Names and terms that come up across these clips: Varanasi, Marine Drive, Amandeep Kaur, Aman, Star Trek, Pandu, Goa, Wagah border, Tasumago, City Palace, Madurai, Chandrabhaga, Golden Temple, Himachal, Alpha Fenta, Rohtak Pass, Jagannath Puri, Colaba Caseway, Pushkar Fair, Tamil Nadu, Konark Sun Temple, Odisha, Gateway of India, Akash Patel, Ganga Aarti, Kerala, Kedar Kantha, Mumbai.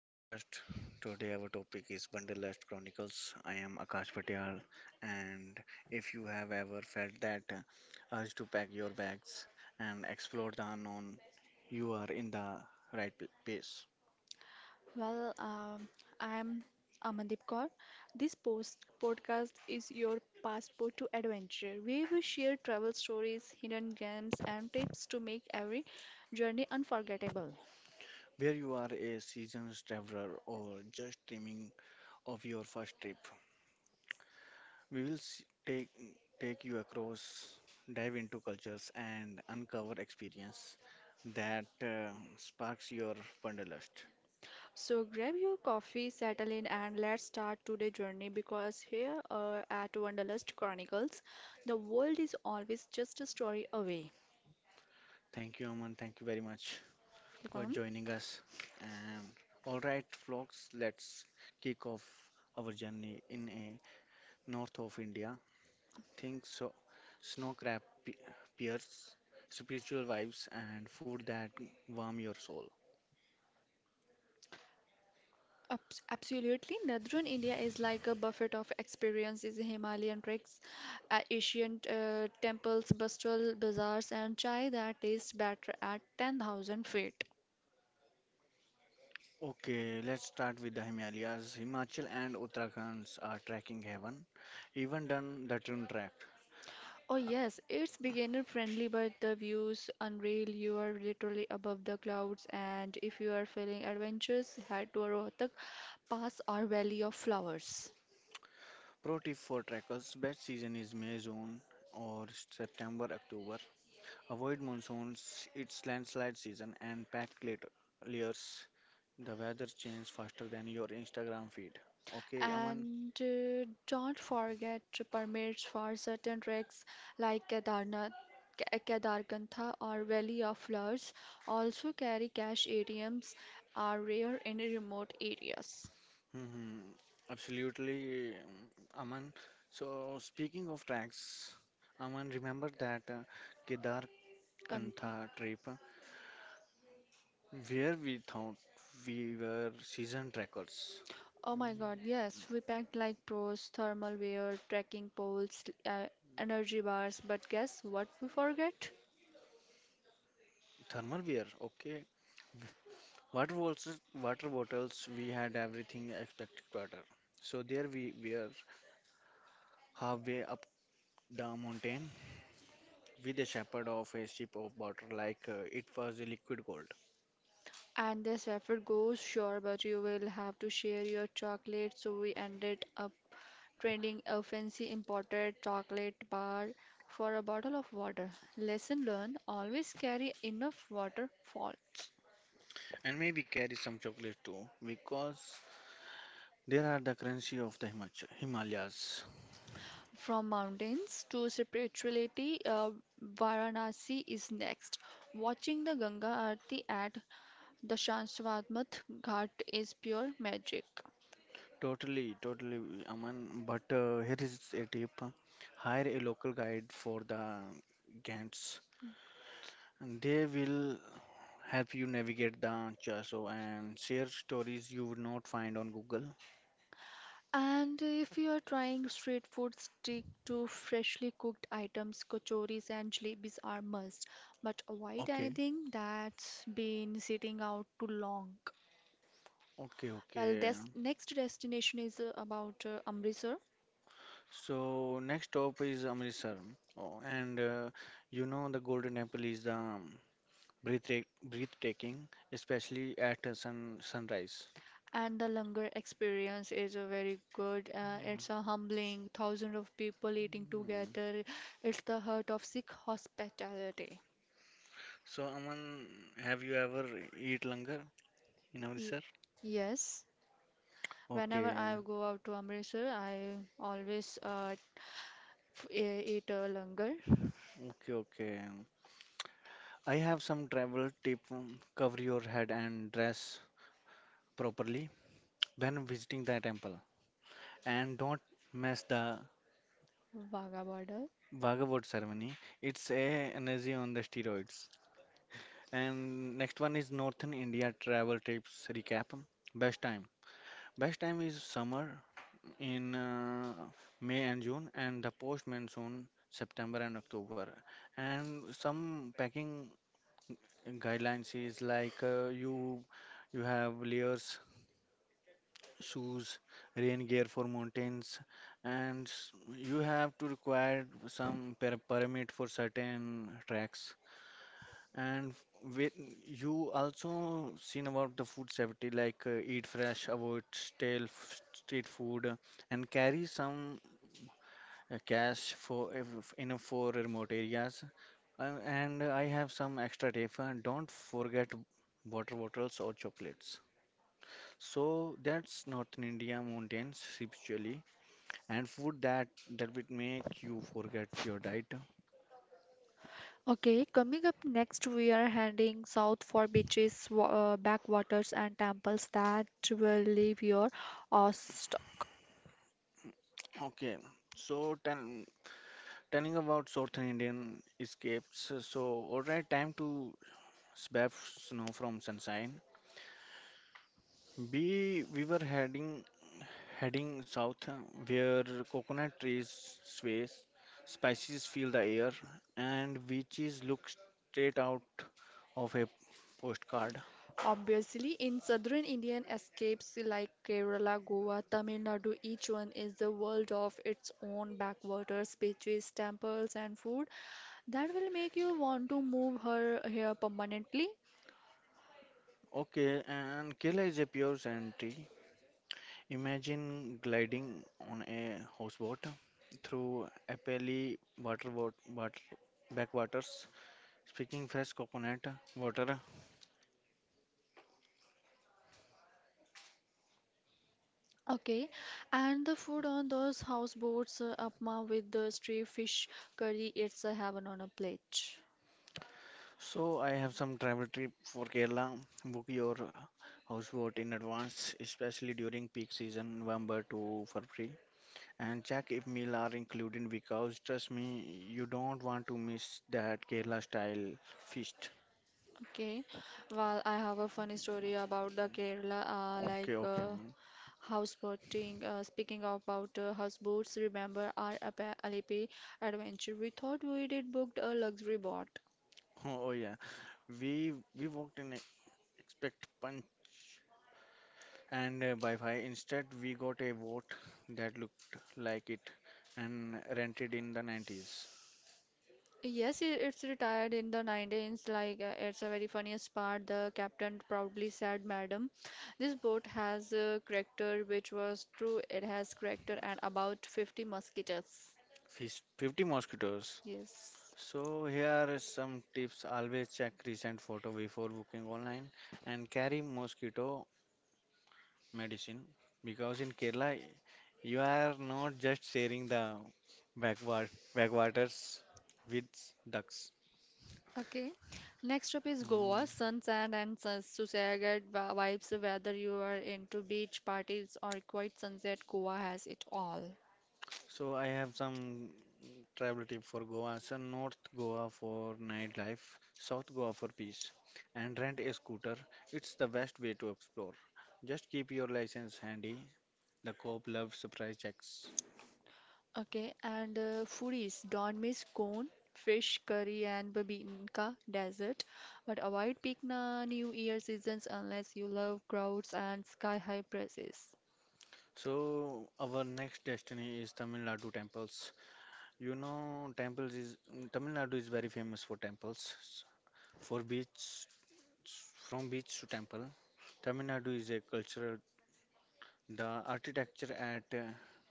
podcast. Today our topic is Wanderlust Chronicles. I am Akash Patel and if you have ever felt that urge to pack your bags and explore the unknown, you are in the right place. Well, um, I'm Amandeep Kaur. This post podcast is your passport to adventure. We will share travel stories, hidden gems, and tips to make every journey unforgettable. Where you are a seasoned traveler or just dreaming of your first trip, we will take take you across, dive into cultures, and uncover experience that sparks your wanderlust. So grab your coffee, settle in, and let's start today's journey because here at Wanderlust Chronicles, the world is always just a story away. Thank you, Aman. Thank you very much for joining us. And all right, folks, let's kick off our journey in a north of India. Think so, snow crab pears, spiritual vibes, and food that warm your soul. Absolutely. Northern India is like a buffet of experiences Himalayan treks, ancient temples, bustling bazaars, and chai that tastes better at 10,000 feet. Okay, let's start with the Himalayas. Himachal and Uttarakhand are trekking heaven. Even done the Tune track. Oh, yes, it's beginner friendly, but the views unreal. You are literally above the clouds, and if you are feeling adventurous, head to Rohtak Pass or Valley of Flowers. Pro tip for trekkers: best season is May, June or September, October. Avoid monsoons; it's landslide season and packed late layers. The weather changes faster than your Instagram feed. Okay, Aman. And Don't forget permits for certain treks like Kedarnath, Kedarkantha or Valley of Flowers. Also carry cash ATMs are rare in remote areas. hmm Absolutely, mm, Aman. So speaking of tracks, Aman, remember that Kedar Kantha. Kantha trip. Where we thought we were season trackers. Oh my god, yes, we packed like pros, thermal wear, trekking poles, energy bars, but guess what we forget? Thermal wear, okay. Water bottles, we had everything expected water. So there we were halfway up the mountain with a shepherd of a ship of water like it was a liquid gold. And this effort goes sure, but you will have to share your chocolate, so we ended up trading a fancy imported chocolate bar for a bottle of water. Lesson learned always carry enough water falls. And maybe carry some chocolate too because there are the currency of the Himalayas. From mountains to spirituality, Varanasi is next. Watching the Ganga Aarti at the Shansvatmath Ghat is pure magic. Totally, totally, Aman. But here is a tip. Hire a local guide for the Gantt and they will help you navigate the chaso and share stories you would not find on Google. And if you are trying street food, stick to freshly cooked items. Kachoris and jalebis are must, but avoid Okay, anything that's been sitting out too long. okay, Well, okay. this next destination is about Amritsar, So next stop is Amritsar, oh, and you know the Golden Temple is the breathtaking, especially at sunrise. and the Langar experience is a very good. Mhm. It's a humbling, thousands of people eating Mm. together. It's the heart of Sikh hospitality. So, Aman, have you ever eat langar in Ye- Amritsar? Yes. Whenever Okay, I go out to Amritsar, I always It longer, okay, okay. I have some travel tip. Cover your head and dress properly when visiting the temple, and don't mess the Wagah border. Bhagavad ceremony. It's a energy on the steroids. And next one is Northern India travel tips recap. Best time. Best time is summer in May and June, and the post monsoon September and October. And some packing guidelines is like you have layers, shoes, rain gear for mountains, and you have to require some permit for certain tracks. And with you also seen about the food safety, like eat fresh, avoid stale street food, and carry some cash for if enough for remote areas. And I have some extra tip. Don't forget water bottles or chocolates. So that's Northern India mountains spiritually and food that would make you forget your diet. Okay, coming up next, we are heading south for beaches, backwaters, and temples that will leave your awe struck. Okay, so telling about Southern Indian escapes. So all right, time to swap snow from sunshine. We were heading south, where coconut trees sway, spices fill the air, and beaches look straight out of a postcard. Obviously, in southern Indian escapes like Kerala, Goa, Tamil Nadu, each one is the world of its own backwaters, beaches, temples, and food that will make you want to move her here permanently. Okay, and Kerala is a pure sanity. Imagine gliding on a houseboat through Apelli water backwaters, speaking fresh coconut water. Okay, and the food on those houseboats, upma with the stray fish curry, it's a heaven on a plate. So I have some travel trip for Kerala. Book your houseboat in advance, especially during peak season, November to February, and check if meal are included because trust me, you don't want to miss that Kerala style feast. Okay, well, I have a funny story about the Kerala, Okay, okay, Aman. houseboating. Speaking about houseboats, remember our Alipi adventure? We thought we did booked a luxury boat. Oh yeah, we we walked in expect punch and Wi-Fi. Instead, we got a boat that looked like it and rented in the 90s. Yes, it's retired in the 19s. It's a very funniest part. The captain proudly said, "Madam, this boat has a character," which was true. It has character and about 50 mosquitoes. 50 mosquitoes. Yes. So here is some tips. Always check recent photo before booking online and carry mosquito medicine because in Kerala you are not just sharing the backwat backwaters with ducks. Okay. Next up is Goa, Mm. sun, sand, and Susagat vibes. Whether you are into beach parties or quiet sunset, Goa has it all. So I have some travel tip for Goa. So North Goa for nightlife, South Goa for peace, and rent a scooter. It's the best way to explore. Just keep your license handy. The cop loves surprise checks. Okay, and foodies don't miss cone, fish curry, and babinka desert, but avoid peak na New Year seasons unless you love crowds and sky-high prices. So our next destiny is Tamil Nadu temples. You know, temples is Tamil Nadu is very famous for temples. For beach, from beach to temple, Tamil Nadu is a cultural. The architecture at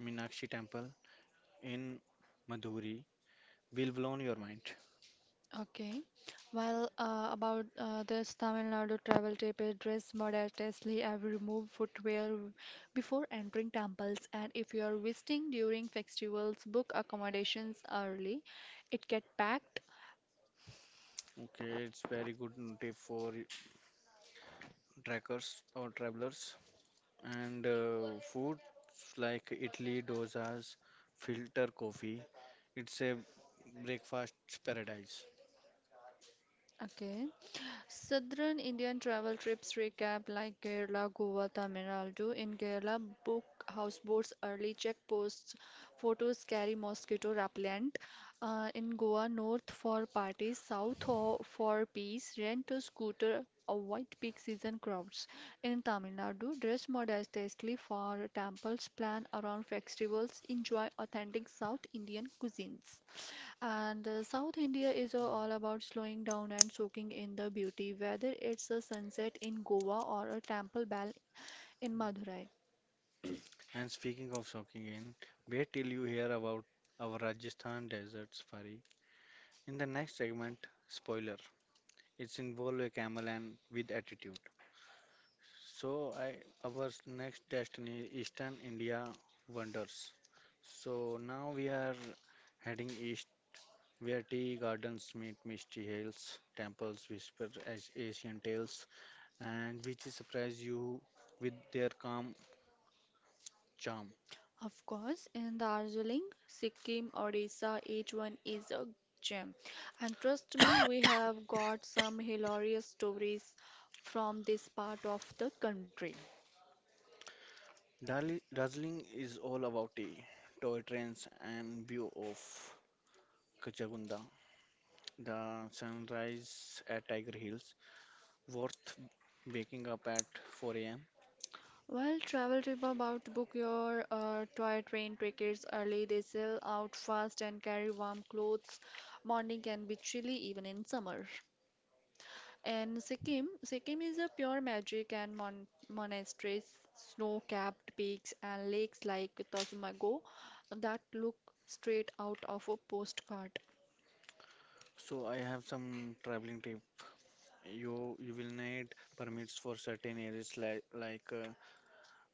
Meenakshi Temple in Madhuri will blow your mind. Okay. Well, about this Tamil Nadu travel tip, is dress modestly and remove footwear before entering temples. And if you are visiting during festivals, book accommodations early. It get packed. Okay, it's very good tip for trekkers or travelers. And foods like idli, dosas, filter coffee, it's a breakfast paradise. Okay. Southern Indian travel trips recap like Kerala, Goa, Tamil Nadu. In Kerala, book houseboats early, check posts, photos, carry mosquito repellent. In Goa, north for parties, for peace, rent a scooter, avoid peak season crowds. In Tamil Nadu, dress modestly for temples, plan around festivals, enjoy authentic South Indian cuisines. And South India is all about slowing down and soaking in the beauty, whether it's a sunset in Goa or a temple bell in Madurai. And speaking of soaking in, wait till you hear about our Rajasthan desert safari. In the next segment, spoiler, it's involve a camel and with attitude. So I our next destiny Eastern India wonders. So now we are heading east where tea gardens meet misty hills, temples whisper as Asian tales, and which surprise you with their calm charm. Of course, in Darjeeling, Sikkim, Odisha, each one is a gem. And trust me, we have got some hilarious stories from this part of the country. Darjeeling is all about tea, toy trains, and view of Kachagunda. The sunrise at Tiger Hills, worth waking up at 4 a.m. Well, travel trip about to book your toy train tickets early. They sell out fast and carry warm clothes. Morning can be chilly even in summer. And Sikkim, Sikkim is a pure magic and monasteries, snow-capped peaks and lakes like Tasumago that look straight out of a postcard. So I have some traveling tip. You will need permits for certain areas like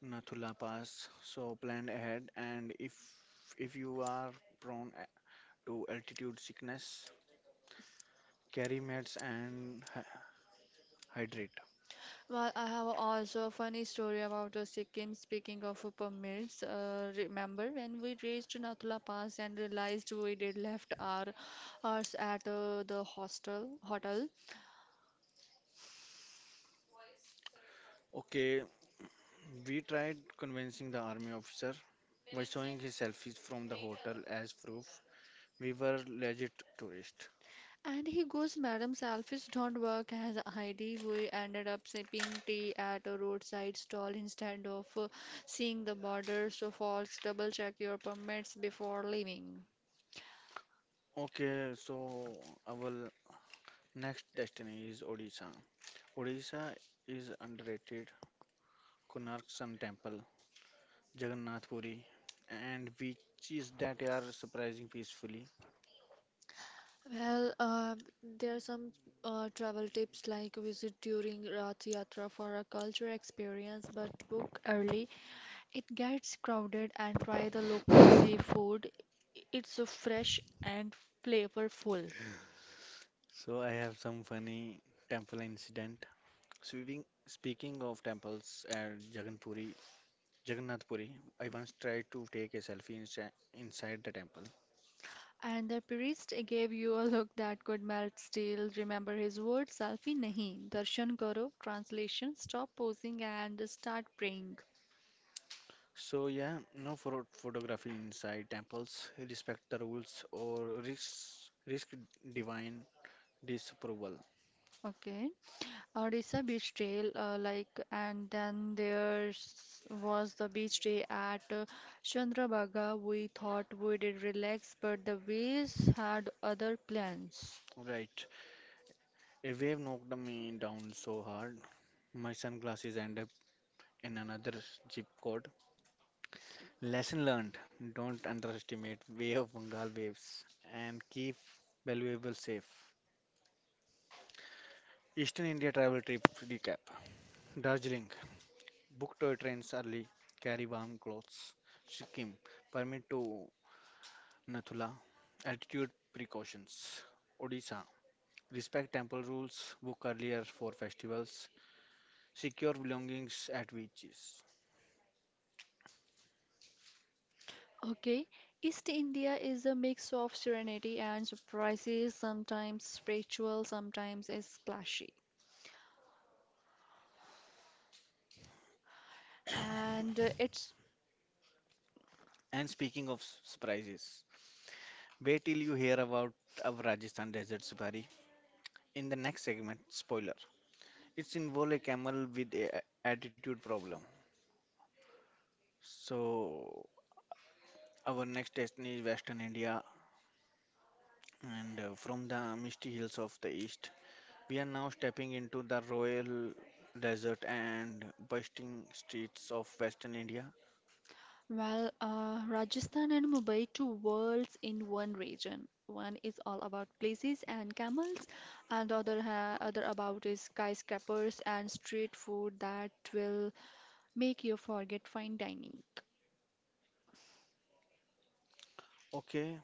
Nathula Pass, so plan ahead and if you are prone to altitude sickness, carry meds and hydrate. Well, I have also a funny story about Sikkim. Speaking of permits, remember when we reached Nathula Pass and realized we did left our ours at the hostel hotel? Okay, we tried convincing the army officer by showing his selfies from the hotel as proof we were legit tourists. And he goes, "Madam, selfies don't work as ID." We ended up sipping tea at a roadside stall instead of seeing the border. So, folks, double check your permits before leaving. Okay, so our next destiny is Odisha. Odisha is underrated. Konark Sun Temple Jagannath Puri, and which is that are surprising peacefully. Well, there are some travel tips like visit during Rath Yatra for a cultural experience, but book early. It gets crowded and try the local seafood. It's so fresh and flavorful. So I have some funny temple incident. Speaking of temples at Jagannath Puri, I once tried to take a selfie inside the temple. And the priest gave you a look that could melt steel. Remember his words, selfie nahi. Darshan karo, translation, stop posing and start praying. So yeah, no photography inside temples. Respect the rules or risk divine disapproval. Okay. Odisha Beach Trail, and then there was the beach day at Chandrabhaga. We thought we did relax, but the waves had other plans. Right. A wave knocked me down so hard, my sunglasses end up in another zip code. Lesson learned don't underestimate way of Bengal waves and keep valuable safe. Eastern India travel trip recap Darjeeling book toy trains early, carry warm clothes. Sikkim permit to Nathula altitude precautions. Odisha respect temple rules, book earlier for festivals, secure belongings at beaches. Okay, East India is a mix of serenity and surprises, sometimes spiritual, sometimes it's splashy. And it's And speaking of surprises, wait till you hear about our Rajasthan desert safari in the next segment. Spoiler. It's involve a camel with a attitude problem. So our next destination is Western India, and from the misty hills of the east, we are now stepping into the royal desert and bustling streets of Western India. Well, Rajasthan and Mumbai, two worlds in one region. One is all about places and camels, and the other ha other about is skyscrapers and street food that will make you forget fine dining. Okay,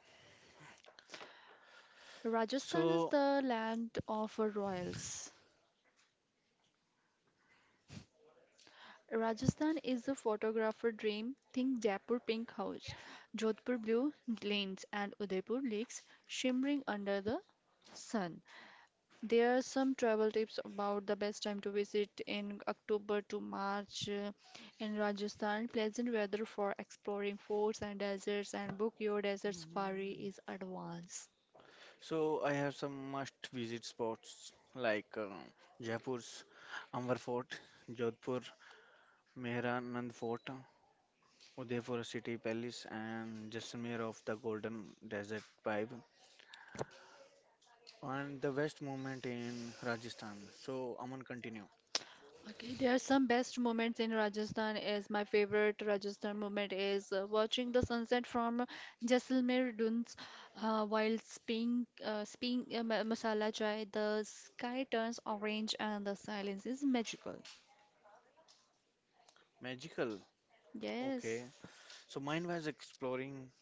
Rajasthan is so the land of royals. Rajasthan is a photographer dream. Think Jaipur pink house, Jodhpur blue lanes, and Udaipur lakes shimmering under the sun. There are some travel tips about the best time to visit in October to March in Rajasthan. Pleasant weather for exploring forts and deserts and book your desert safari is advanced. so I have some must-visit spots like Jaipur's Amber Fort, Jodhpur Mehranand Fort, Udaipur City Palace, and Jaisalmer of the Golden Desert vibe. And the West movement in Rajasthan. So, Aman, continue. Okay, there are some best moments in Rajasthan is my favorite Rajasthan moment is watching the sunset from Jaisalmer Dunes while spinning masala chai. The sky turns orange and the silence is magical. Magical. Okay. Yes. So, mine was exploring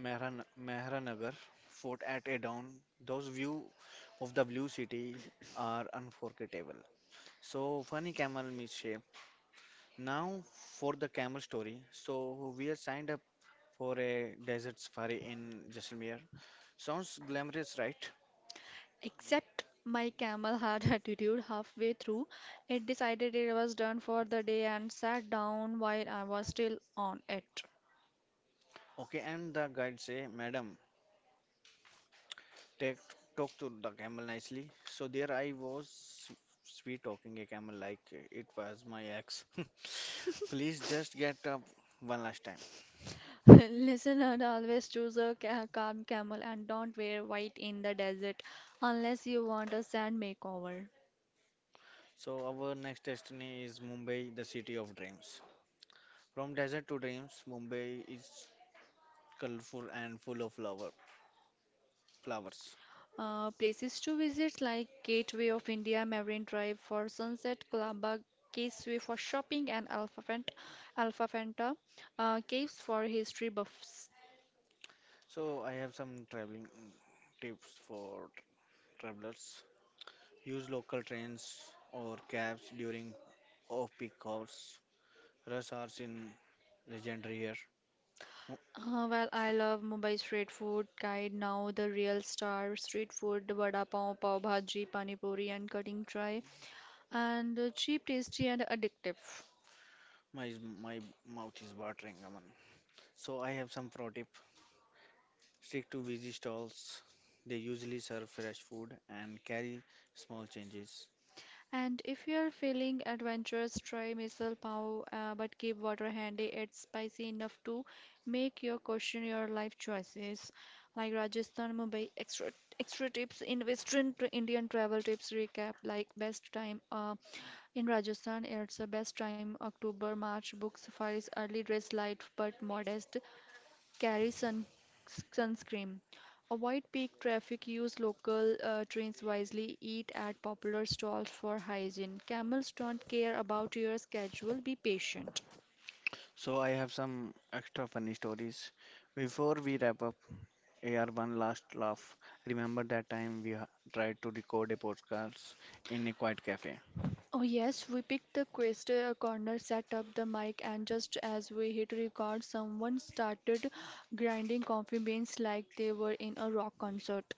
Mehranagar Fort at a dawn. Those view of the blue city are unforgettable. So, funny camel misshape. Now, for the camel story. So, we are signed up for a desert safari in Jaisalmer. Sounds glamorous, right? Except my camel had attitude halfway through. It decided it was done for the day and sat down while I was still on it. Okay, and the guide say, Madam, take, talk to the camel nicely. So there I was, sweet talking a camel like it was my ex. Please just get up one last time. Listener, always choose a calm camel and don't wear white in the desert unless you want a sand makeover. So our next destiny is Mumbai, the city of dreams. From desert to dreams, Mumbai is colorful and full of flowers. Places to visit like Gateway of India, Marine Drive for sunset, Colaba Caseway for shopping, and Alpha Fenta caves for history buffs. So I have some traveling tips for travelers. Use local trains or cabs during off-peak hours. Rush hours in legendary here. I love Mumbai street food guide now, the real star street food, the vada pav, pav bhaji, pani puri, and cutting try, and cheap, tasty, and addictive. My my mouth is watering, Aman. So I have some pro tip. Stick to busy stalls. They usually serve fresh food and carry small changes. And if you're feeling adventurous, try misal pav, but keep water handy. It's spicy enough to make you question your life choices. Like Rajasthan, Mumbai, extra tips in Western Indian travel tips recap, like best time. In Rajasthan, it's the best time October-March. Book safaris early, dress light but modest, carry sunscreen. Avoid peak traffic, use local trains wisely, eat at popular stalls for hygiene. Camels don't care about your schedule, be patient. So I have some extra funny stories. Before we wrap up, AR one last laugh. Remember that time we tried to record a podcast in a quiet cafe Oh yes, we picked the quest corner, set up the mic, and just as we hit record, someone started grinding coffee beans like they were in a rock concert.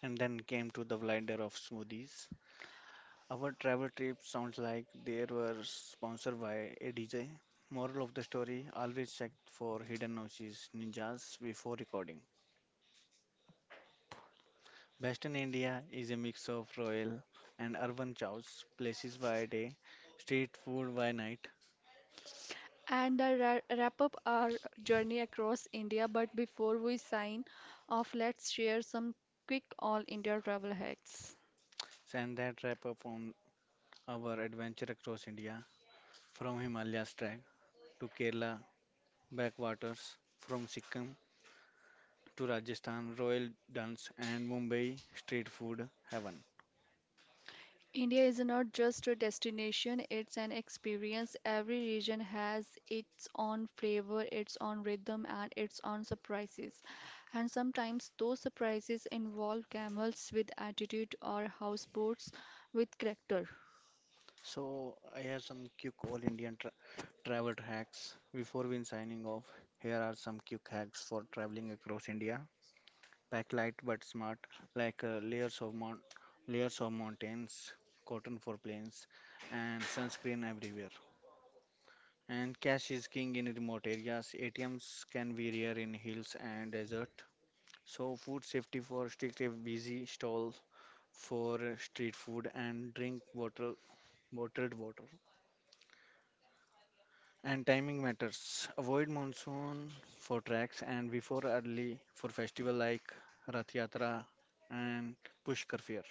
and then came to the blender of smoothies. Our travel trip sounds like they were sponsored by a DJ. Moral of the story always check for hidden noises ninjas before recording. Western India is a mix of royal and urban chows, places by day, street food by night. And the wrap up our journey across India. But before we sign off, let's share some quick all India travel hacks. And that wrap up on our adventure across India from Himalayas track to Kerala backwaters, from Sikkim to Rajasthan royal dance and Mumbai street food heaven. India is not just a destination, it's an experience. Every region has its own flavor, its own rhythm, and its own surprises. And sometimes those surprises involve camels with attitude or houseboats with character. So, I have some quick all Indian travel hacks. Before we signing off, here are some quick hacks for traveling across India. Pack light but smart, like layers of mountains, cotton for planes, and sunscreen everywhere. And cash is king in remote areas. ATMs can be rare in hills and desert. So, food safety for strict busy stall for street food and drink water, bottled water. And timing matters. Avoid monsoon for tracks and before early for festival like Rath Yatra and Pushkar Fair.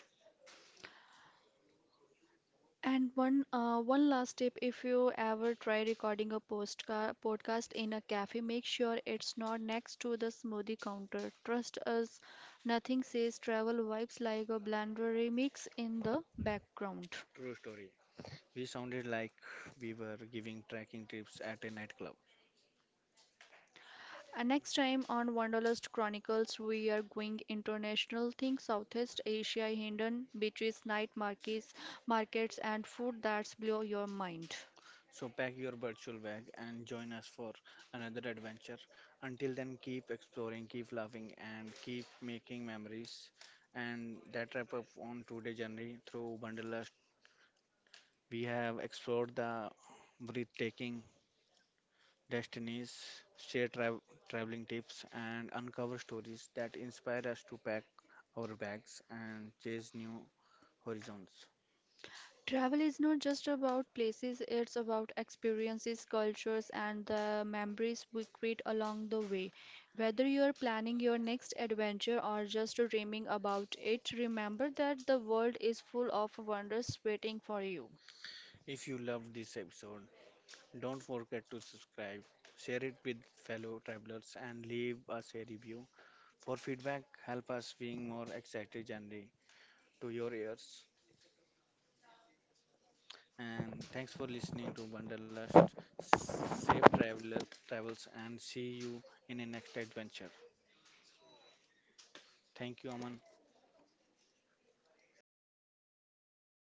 And one one last tip, if you ever try recording a postca podcast in a cafe, make sure it's not next to the smoothie counter. Trust us, nothing says travel vibes like a blend remix in the background. True story. We sounded like we were giving trekking trips at a nightclub. And next time on Wanderlust Chronicles, we are going international things, Southeast Asia, hidden beaches, markets, and food that's blow your mind. So pack your virtual bag and join us for another adventure. Until then, keep exploring, keep laughing, and keep making memories. And that wrap up on today's journey through Wanderlust. We have explored the breathtaking destinies, share traveling tips, and uncover stories that inspire us to pack our bags and chase new horizons. Travel is not just about places, it's about experiences, cultures, and the memories we create along the way. Whether you're planning your next adventure or just dreaming about it, remember that the world is full of wonders waiting for you. If you loved this episode, don't forget to subscribe, share it with fellow travelers, and leave us a review. For feedback, help us bring more exciting journey to your ears. And thanks for listening to Wanderlust. Safe travels, and see you in a next adventure. Thank you, Aman.